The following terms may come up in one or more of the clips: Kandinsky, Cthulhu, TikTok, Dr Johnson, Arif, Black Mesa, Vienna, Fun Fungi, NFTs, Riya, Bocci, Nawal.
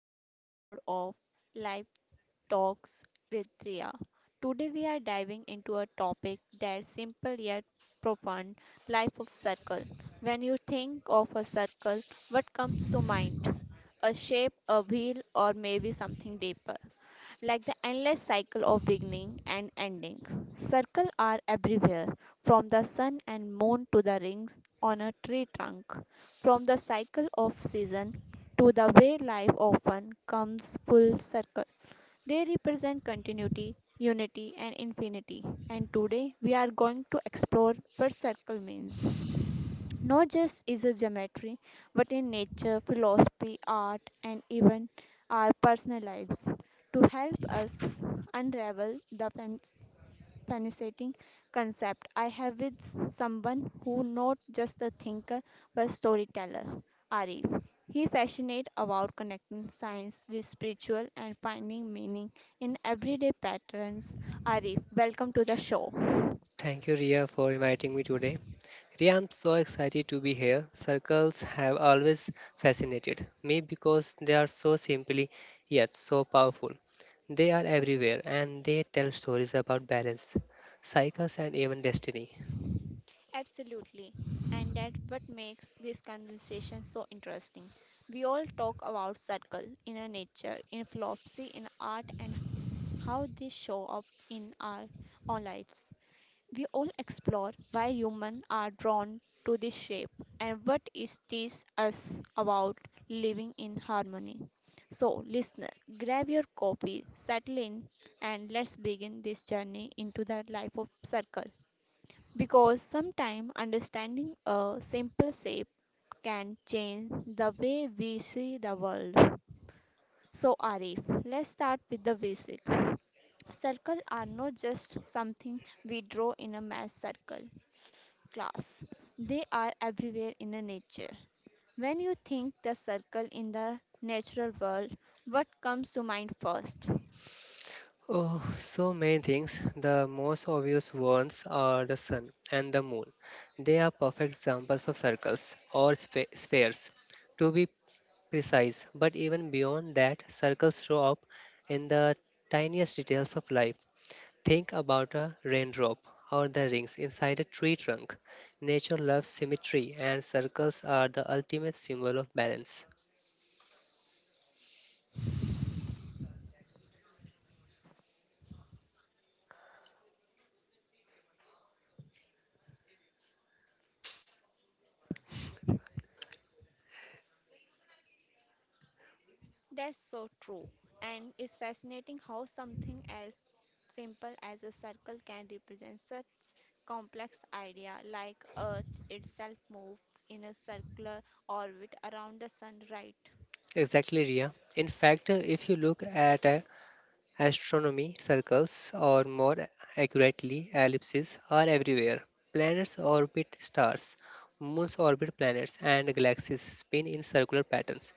another episode of Life Talks with Riya. Today we are diving into a topic that's simple yet profound, life of circle. When you think of a circle, what comes to mind? A shape, a wheel or maybe something deeper like the endless cycle of beginning and ending. Circles are everywhere, from the sun and moon to the rings on a tree trunk, from the cycle of season to the way life often comes full circle. They represent continuity, unity, and infinity. And today we are going to explore what circle means. Not just is a geometry, but in nature, philosophy, art, and even our personal lives to help us unravel the fascinating concept. I have with someone who not just a thinker but storyteller, Arif. He fascinates about connecting science with spiritual and finding meaning in everyday patterns. Arif, welcome to the show. Thank you, Ria, for inviting me today. Ria, I'm so excited to be here. Circles have always fascinated me because they are so simply yet so powerful. They are everywhere and they tell stories about balance, cycles, and even destiny. Absolutely. And that what makes this conversation so interesting. We all talk about circle, inner nature, in philosophy, in art, and how they show up in our own lives. We all explore why humans are drawn to this shape and what it teaches us about living in harmony. So, listener, grab your copy, settle in, and let's begin this journey into the life of circle. Because sometimes understanding a simple shape can change the way we see the world. So, Arif, let's start with the basic. Circles are not just something we draw in a math circle class, they are everywhere in a nature. When you think the circle in the natural world, what comes to mind first? Oh, so many things. The most obvious ones are the sun and the moon. They are perfect examples of circles or spheres, to be precise. But even beyond that, circles show up in the tiniest details of life. Think about a raindrop or the rings inside a tree trunk. Nature loves symmetry, and circles are the ultimate symbol of balance. That's so true. And it's fascinating how something as simple as a circle can represent such complex idea like Earth itself moves in a circular orbit around the sun, right? Exactly, Ria. In fact, if you look at a Astronomy, circles, or more accurately, ellipses, are everywhere. Planets orbit stars, moons orbit planets, and galaxies spin in circular patterns.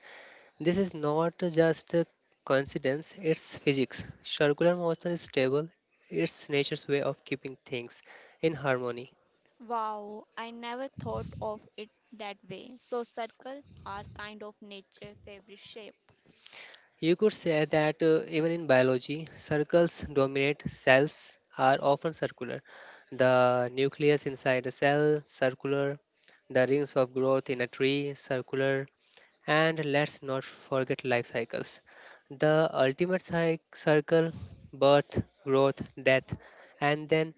This is not just a coincidence, it's physics. Circular motion is stable, it's nature's way of keeping things in harmony. Wow, I never thought of it that way. So circles are kind of nature favorite shape. You could say that even in biology, circles dominate. Cells are often circular. The nucleus inside a cell, circular. The rings of growth in a tree, circular. And let's not forget life cycles. The ultimate circle, birth, growth, death, and then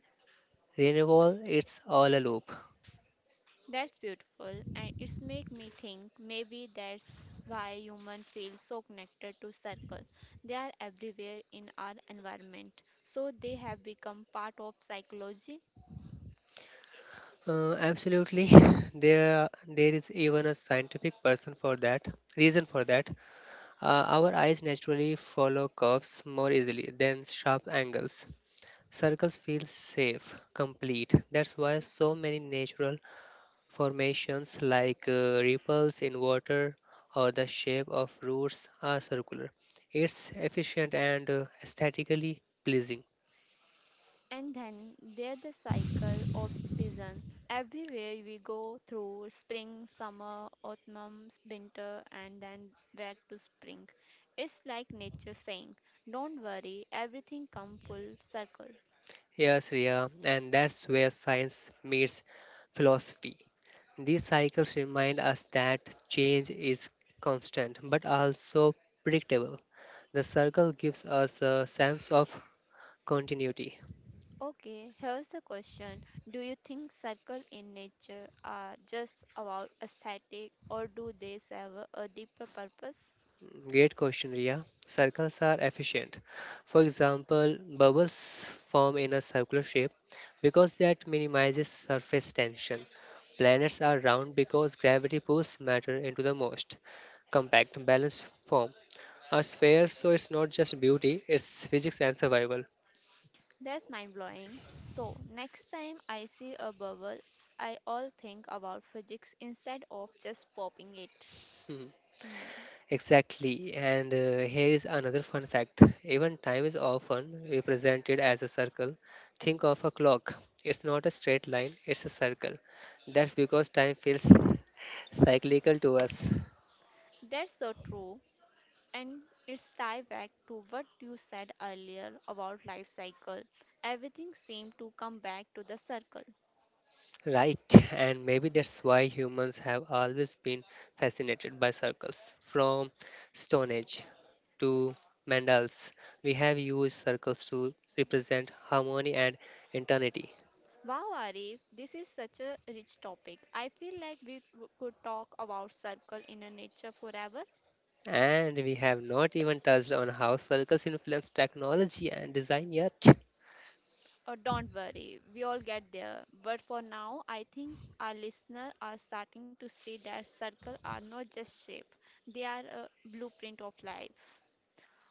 renewal, it's all a loop. That's beautiful, and it's make me think maybe that's why humans feel so connected to circle. They are everywhere in our environment, so they have become part of psychology. Absolutely, there is even a scientific person for that reason for that. Our eyes naturally follow curves more easily than sharp angles. Circles feel safe, complete. That's why so many natural formations like ripples in water or the shape of roots are circular. It's efficient and aesthetically pleasing. And then there's the cycle of season. Everywhere we go through spring, summer, autumn, winter, and then back to spring. It's like nature saying, "Don't worry, everything come full circle." Yes, Riya, and that's where science meets philosophy. These cycles remind us that change is constant but also predictable. The circle gives us a sense of continuity. Okay, here's the question. Do you think circles in nature are just about aesthetic or do they serve a deeper purpose? Great question, Riya. Circles are efficient. For example, bubbles form in a circular shape because that minimizes surface tension. Planets are round because gravity pulls matter into the most compact, balanced form. A sphere, so it's not just beauty, it's physics and survival. That's mind blowing. So, next time I see a bubble, I all think about physics instead of just popping it. Hmm. Hmm. Exactly, and here is another fun fact. Even time is often represented as a circle. Think of a clock, it's not a straight line, it's a circle. That's because time feels cyclical to us. That's so true. And it's tied back to what you said earlier about life cycle. Everything seemed to come back to the circle. Right, and maybe that's why humans have always been fascinated by circles. From Stone Age to mandals, we have used circles to represent harmony and eternity. Wow, Arif, this is such a rich topic. I feel like could talk about circle inner nature forever. And we have not even touched on how circles influence technology and design yet. Oh, don't worry, we all get there. But for now, I think our listeners are starting to see that circle are not just shape; they are a blueprint of life.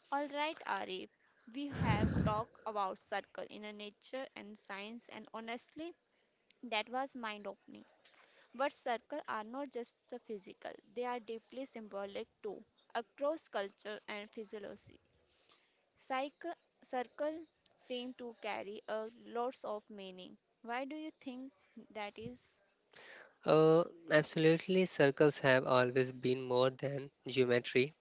All right, Arif, we have talked about circle inner nature and science, and honestly, that was mind opening. But circles are not just a physical, they are deeply symbolic too, across culture and physiology. Cycle, circle seem to carry a lots of meaning. Why do you think that is? Uh, absolutely, circles have always been more than geometry.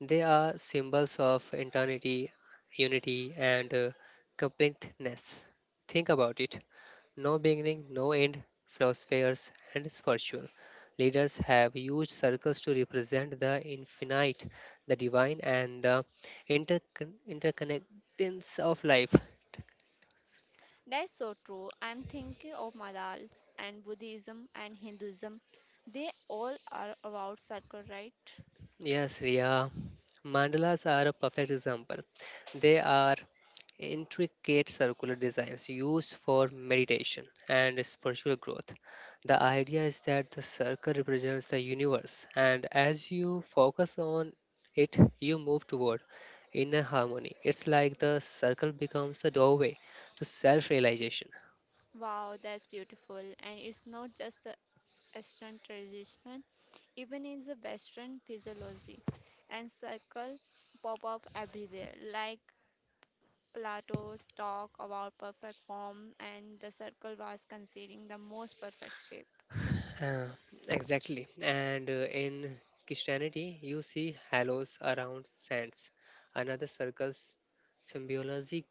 They are symbols of eternity, unity, and completeness. Think about it no beginning, no end, philosophers and spiritual leaders have used circles to represent the infinite, the divine, and the interconnectedness of life. That's so true. I'm thinking of Madals and Buddhism and Hinduism. They all are about circle, right? Yes, Ria. Mandalas are a perfect example. They are intricate circular designs used for meditation and spiritual growth. The idea is that the circle represents the universe, and as you focus on it, you move toward inner harmony. It's like the circle becomes a doorway to self realization. Wow, that's beautiful. And it's not just Eastern tradition, even in the Western physiology, and circle pop up everywhere. Like Plato's talk about perfect form, and the circle was considering the most perfect shape. Uh, exactly. And in Christianity, you see halos around saints, another circles symbology,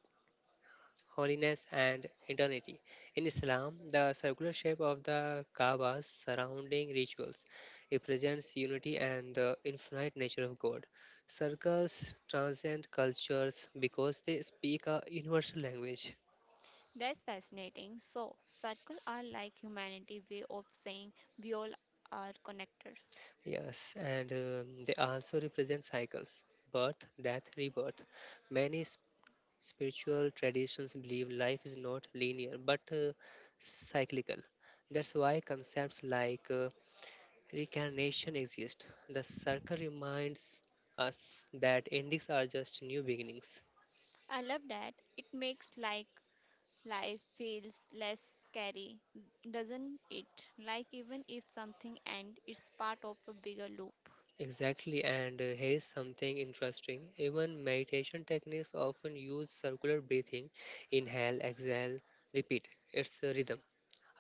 holiness and eternity. In Islam, the circular shape of the Kaaba's surrounding rituals represents unity and the infinite nature of God. Circles transcend cultures because they speak a universal language. That's fascinating. So, circle are like humanity way of saying we all are connected. Yes, and they also represent cycles birth, death, rebirth. Many spiritual traditions believe life is not linear but cyclical. That's why concepts like reincarnation exist. The circle reminds us that endings are just new beginnings. I love that. It makes like life feels less scary, doesn't it? Like even if something ends, it's part of a bigger loop. Exactly, and here is something interesting. Even meditation techniques often use circular breathing inhale, exhale, repeat. It's a rhythm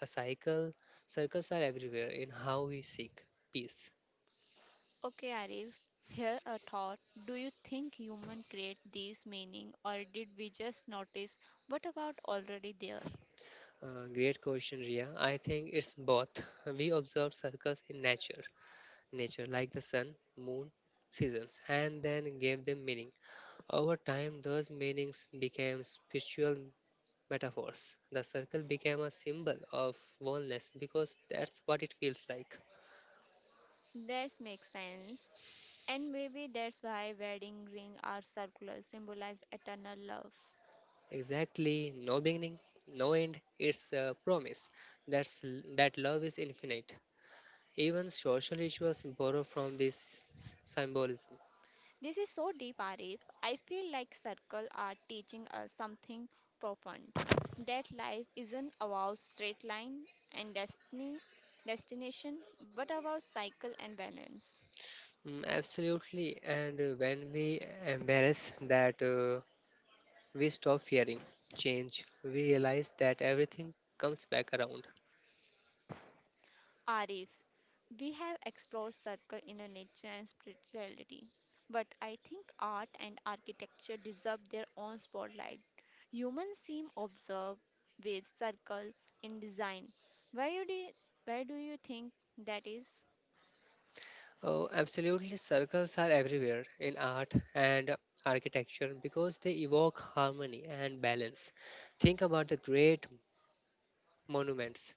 A cycle, circles are everywhere in how we seek peace. Okay, Arif, here a thought. Do you think human create these meaning or did we just notice what about already there? Great question, Ria. I think it's both. We observe circles in nature, nature like the sun, moon, seasons, and then gave them meaning. Over time, those meanings became spiritual metaphors. The circle became a symbol of oneness because that's what it feels like. That makes sense. And maybe that's why wedding ring are circular, symbolize eternal love. Exactly, no beginning, no end. It's a promise that's, that love is infinite Even social rituals borrow from this symbolism. This is so deep, Arif. I feel like circle are teaching us something profound. That life isn't about straight line and destiny, destination, but about cycle and balance. Mm, absolutely, and when we embrace that, we stop fearing change. We realize that everything comes back around. Arif, we have explored circle inner nature and spirituality, but I think art and architecture deserve their own spotlight. Humans seem obsessed with circle in design. Where do you, where do you think that is? Oh, absolutely, circles are everywhere in art and architecture because they evoke harmony and balance. Think about the great monuments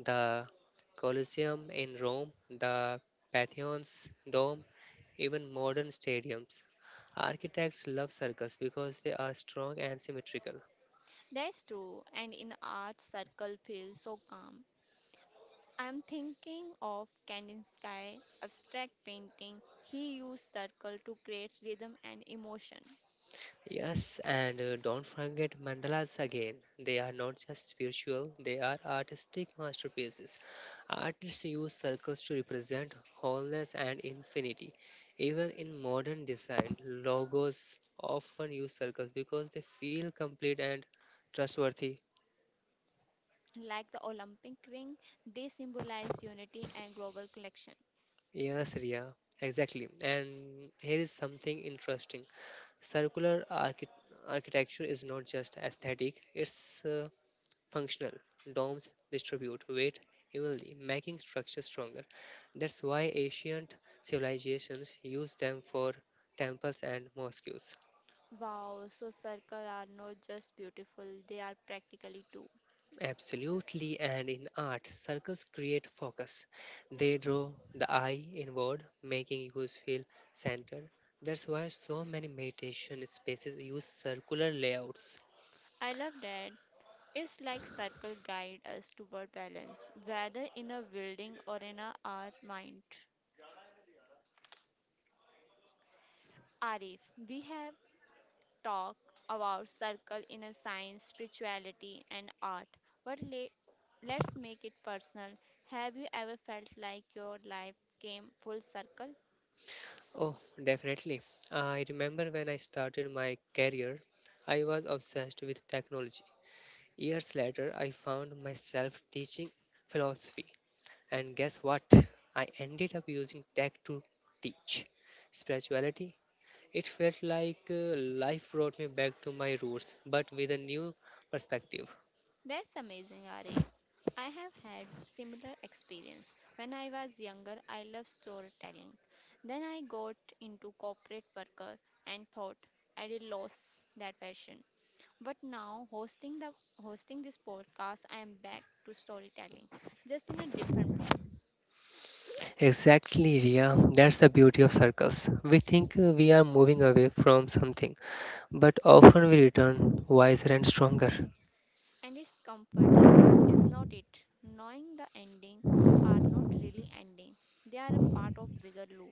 the Colosseum in Rome, the Pantheon's dome, even modern stadiums. Architects love circles because they are strong and symmetrical. That's true, and in art, circle feels so calm. I'm thinking of Kandinsky abstract painting. He used circle to create rhythm and emotion. Yes, and don't forget mandalas again. They are not just spiritual, they are artistic masterpieces. Artists use circles to represent wholeness and infinity. Even in modern design, logos often use circles because they feel complete and trustworthy. Like the Olympic ring, they symbolize unity and global connection. Yes, Ria, exactly. And here is something interesting circular architecture is not just aesthetic, it's Functional domes distribute weight evenly, making structures stronger. That's why ancient civilizations used them for temples and mosques. Wow, so circles are not just beautiful, they are practically too. Absolutely, and in art, circles create focus. They draw the eye inward, making you feel centered. That's why so many meditation spaces use circular layouts. I love that. It's like circle guide us toward balance, whether in a building or in a, our mind. Arif, we have talked about circle in a science, spirituality, and art. But let's make it personal. Have you ever felt like your life came full circle? Oh, definitely. I remember when I started my career, I was obsessed with technology. Years later, I found myself teaching philosophy, and guess what? I ended up using tech to teach spirituality. It felt like life brought me back to my roots, but with a new perspective. That's amazing, Arif. I have had similar experience. When I was younger, I loved storytelling. Then I got into corporate worker and thought I did lost that passion. But now hosting this podcast, I am back to storytelling, just in a different form. Exactly, Ria. That's the beauty of circles. We think we are moving away from something, but often we return wiser and stronger. And it's comforting, is not it? Knowing the ending are not really ending. They are a part of bigger loop.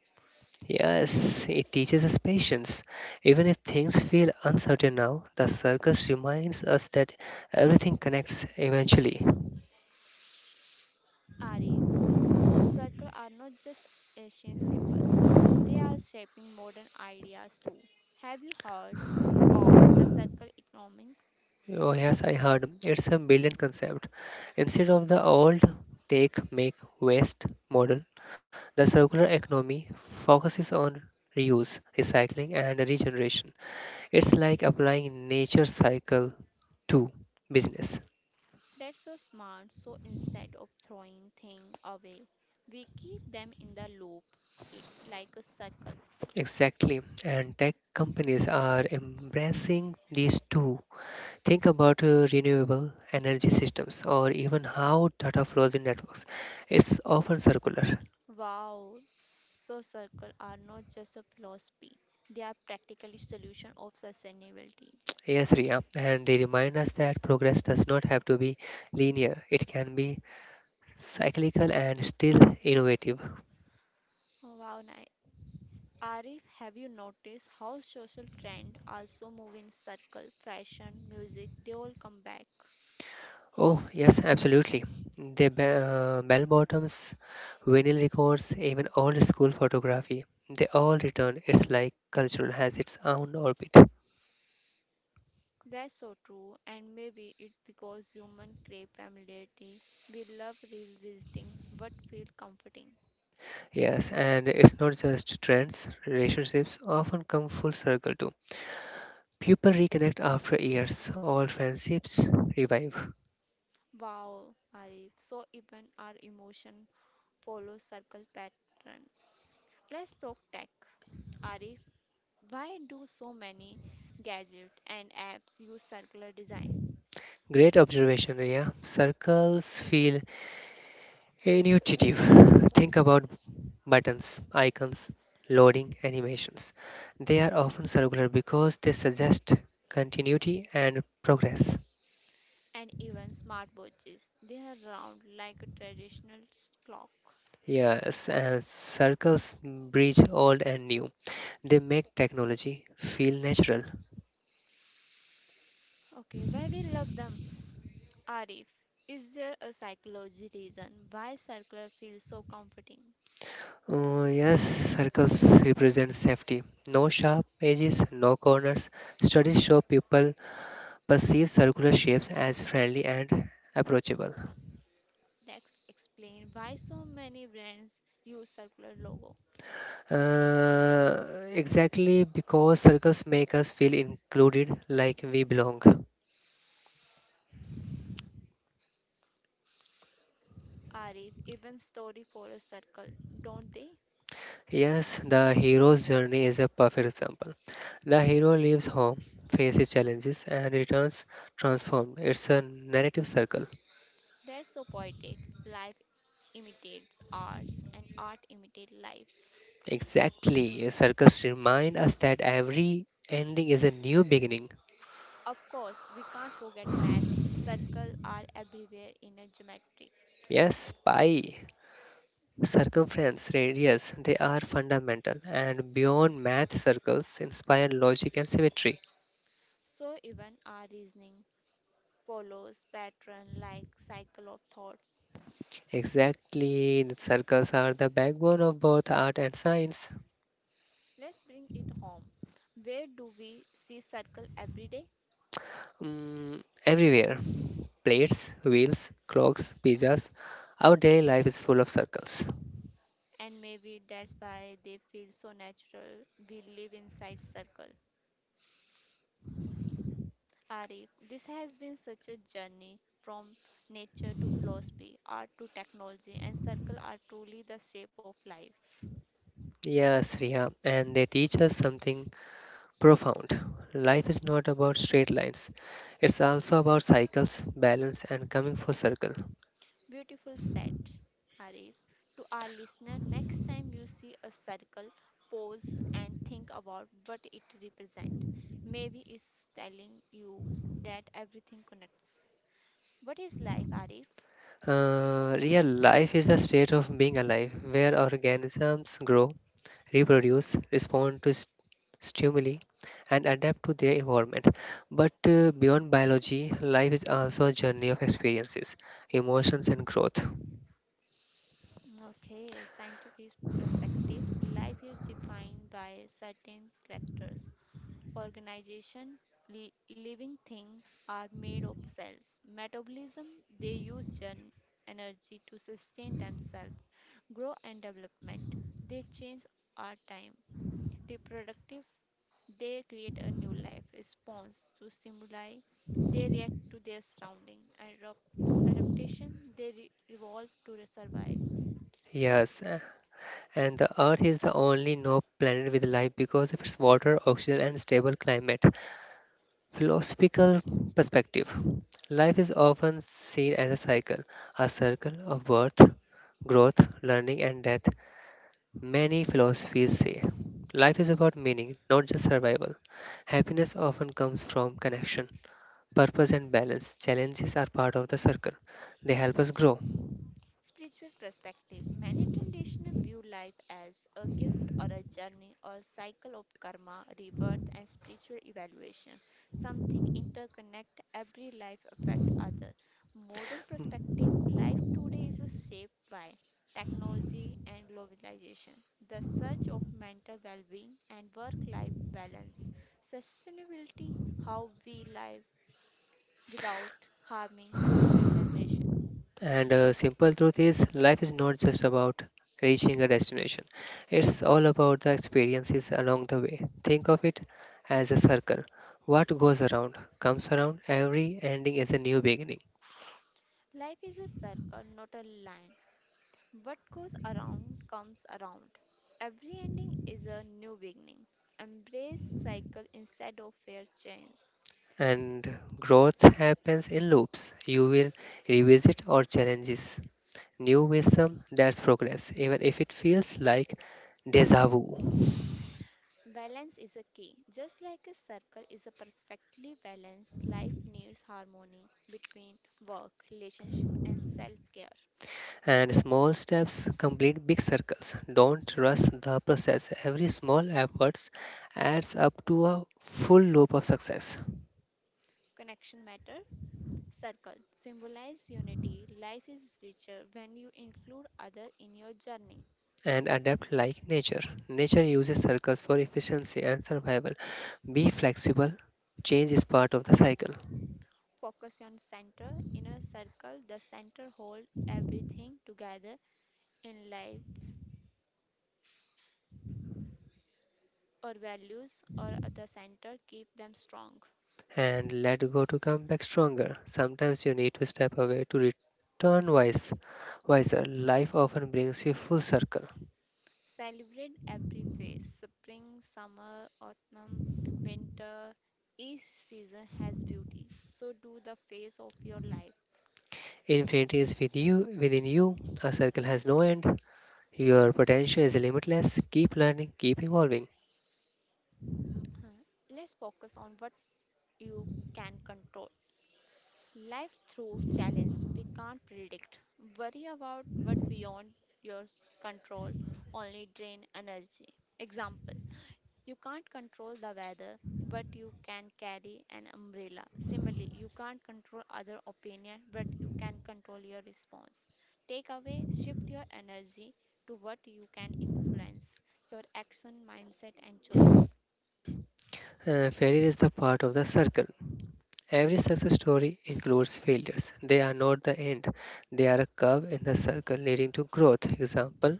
Yes, it teaches us patience. Even if things feel uncertain now, the circus reminds us that everything connects eventually. Arif, circles are not just ancient symbols, they are shaping modern ideas too. Have you heard of the circle economy? Oh, yes, I heard. It's a brilliant concept. Instead of the old take, make, waste model, the circular economy focuses on reuse, recycling, and regeneration. It's like applying nature cycle to business. That's so smart, so instead of throwing things away, we keep them in the loop l- like a circle. Exactly. And tech companies are embracing these two Think about renewable energy systems or even how data flows in networks. It's often circular. Wow! So circles are not just a philosophy, they are practically solution of sustainability. Yes, Ria, and they remind us that progress does not have to be linear, it can be cyclical and still innovative. Wow, nice. Arif, have you noticed how social trend also move in circle? Fashion, music, they all come back. Oh, yes, absolutely. The bell bottoms, vinyl records, even old school photography, they all return. It's like culture has its own orbit. That's so true, and maybe it because human crave familiarity. We love revisiting but feel comforting. Yes, and it's not just trends, relationships often come full circle too. People reconnect after years, old friendships revive. Wow, Arif. So even our emotion follows circle pattern. Let's talk tech. Arif, why do so many gadgets and apps use circular design? Great observation, Ria. Circles feel intuitive. Think about buttons, icons, loading animations. They are often circular because they suggest continuity and progress. And even smartwatches. They are round like a traditional clock. Yes, and circles bridge old and new. They make technology feel natural. Okay, why we love them? Arif, is there a psychology reason why circular feels so comforting? Yes, circles represent safety. No sharp edges, no corners. Studies show people perceive circular shapes as friendly and approachable. Let's explain why so many brands use circular logo. Uh, exactly because circles make us feel included, like we belong. Arif, even story follows circle, don't they? Yes, the hero's journey is a perfect example. The hero leaves home, faces challenges, and returns transformed. It's a narrative circle. That's so poetic. Life imitates arts and art imitates life. Exactly. Circus remind us that every ending is a new beginning. Of course, we can't forget math. Circles are everywhere in a geometry. Yes, pi, circumference, radius, they are fundamental and beyond math circles inspire logic and symmetry. So even our reasoning follows pattern like cycle of thoughts. Exactly, the circles are the backbone of both art and science. Let's bring it home. Where do we see circle every day? Mm, everywhere. Plates, wheels, clocks, pizzas. Our daily life is full of circles. And maybe that's why they feel so natural. We live inside circle. Arif, this has been such a journey from nature to philosophy, art to technology, and circle are truly the shape of life. Yes, Riya, and they teach us something Profound. Life is not about straight lines. It's also about cycles, balance, and coming full circle. Beautiful said Arif. To our listener, next time you see a circle, pause and think about what it represents. Maybe it's telling you that everything connects. What is life, Arif? Real life is the state of being alive, where organisms grow, reproduce, respond to stimuli, and adapt to their environment. But beyond biology, life is also a journey of experiences, emotions, and growth. Okay, scientific perspective. Life is defined by certain characters. Organization, living thing are made of cells. Metabolism, they use energy to sustain themselves. Grow and development. They change our time. Reproductive, they create a new life response to stimuli. They react to their surrounding. And adaptation, they evolve to survive. A Yes, and the Earth is the only known planet with life because of its water, oxygen, and stable climate. Philosophical perspective Life is often seen as a cycle, a circle of birth, growth, learning, and death. Many philosophies say life is about meaning, not just survival. Happiness often comes from connection, purpose, and balance. Challenges are part of the circle, they help us grow. spiritual perspective. Many traditional view life as a gift or a journey or cycle of karma, rebirth, and spiritual evaluation. Something interconnect every life affect other. Modern perspective life today is shaped by technology and globalization, the search of mental well being and work life balance, sustainability, how we live without harming future generation. And simple truth is, life is not just about reaching a destination. It's all about the experiences along the way. Think of it as a circle. What goes around comes around. Every ending is a new beginning. Life is a circle, not a line. What goes around comes around. Every ending is a new beginning. Embrace cycle instead of fear change. And growth happens in loops. You will revisit or challenges. New wisdom, that's progress, even if it feels like deja vu. Balance is a key. Just like a circle is a perfectly balanced life needs harmony between work, relationship and self-care. And small steps complete big circles. Don't rush the process. Every small effort adds up to a full loop of success. Connection matter. Circle symbolize unity. Life is richer when you include other in your journey. And adapt like nature. Nature uses circles for efficiency and survival. Be flexible. Change is part of the cycle. Focus on center. In a circle, the center hold everything together in lives or values or other center keep them strong. And let go to come back stronger. Sometimes you need to step away to return wiser. Life often brings you full circle. Celebrate every phase spring, summer, autumn, winter. Each season has beauty. So do the phase of your life. Infinity is with you, within you. A circle has no end. Your potential is limitless. Keep learning, keep evolving. Huh. Let's focus on what you can control. Life through challenge we can't predict. Worry about what beyond your control only drain energy. Example: you can't control the weather, but you can carry an umbrella. Similarly, you can't control other opinion, but you can control your response. Take away, shift your energy to what you can influence, your action, mindset, and choice. Failure is the part of the circle. Every success story includes failures. They are not the end, they are a curve in the circle leading to growth. Example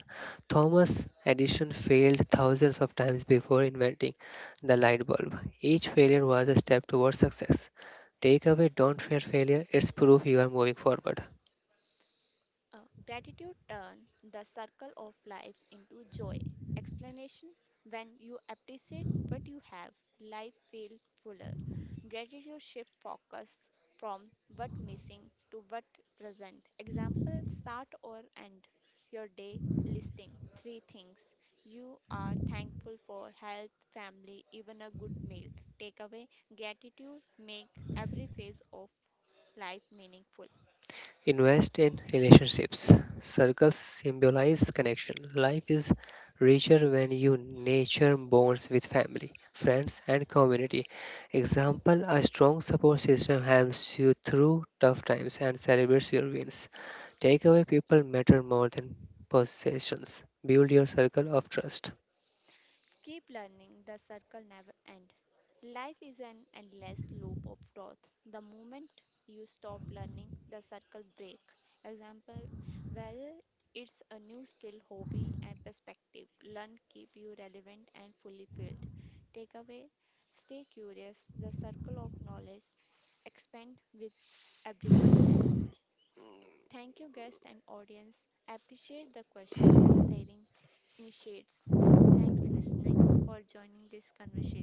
Thomas Edison failed thousands of times before inventing the light bulb. Each failure was a step towards success. Takeaway: don't fear failure, it's proof you are moving forward. Uh, Gratitude turn the circle of life into joy. Explanation: when you appreciate what you have, life feel fuller. Gratitude shift focus from what missing to what present. Example: start or end your day listing three things you are thankful for health, family, even a good meal. Takeaway: gratitude make every phase of life meaningful. Invest in relationships. Circles symbolize connection. Life is richer when you nurture bonds with family, friends, and community. Example A strong support system helps you through tough times and celebrates your wins. Takeaway People matter more than possessions. Build your circle of trust. Keep learning, the circle never ends. Life is an endless loop of growth. The moment you stop learning, the circle break. Example, whether it's a new skill, hobby, and perspective, learn keep you relevant and fully filled. Takeaway, stay curious, the circle of knowledge expand with every question. Thank you, guest and audience. Appreciate the question for sharing initiates. Thanks listening for joining this conversation.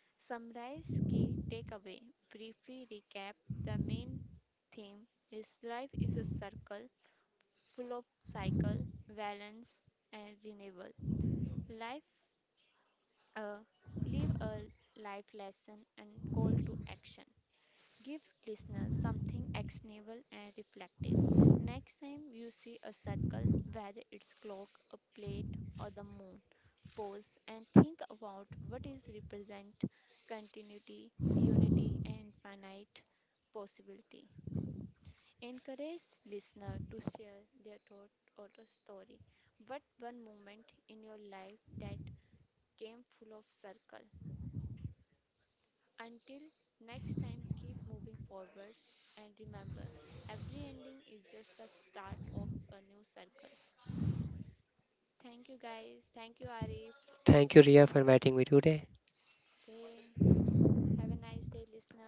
Summarize key takeaway. Briefly recap the main theme is life is a circle full of cycle, balance and renewal. Life uh, live a life lesson and call to action. Give listeners something actionable and reflective. Next time you see a circle, whether it's clock, a plate, or the moon, pause and think about what is represent continuity, unity, and finite possibility. Encourage listener to share their thought or a story. What one moment in your life that came full of circle? Until next time, keep moving forward and remember, every ending is just the start of a new circle. Thank you, guys. Thank you, Arif. Thank you, Ria, for inviting me today. Okay. Have a nice day, listener.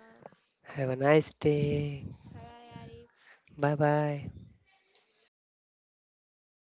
Have a nice day. Bye bye, Arif. Bye bye.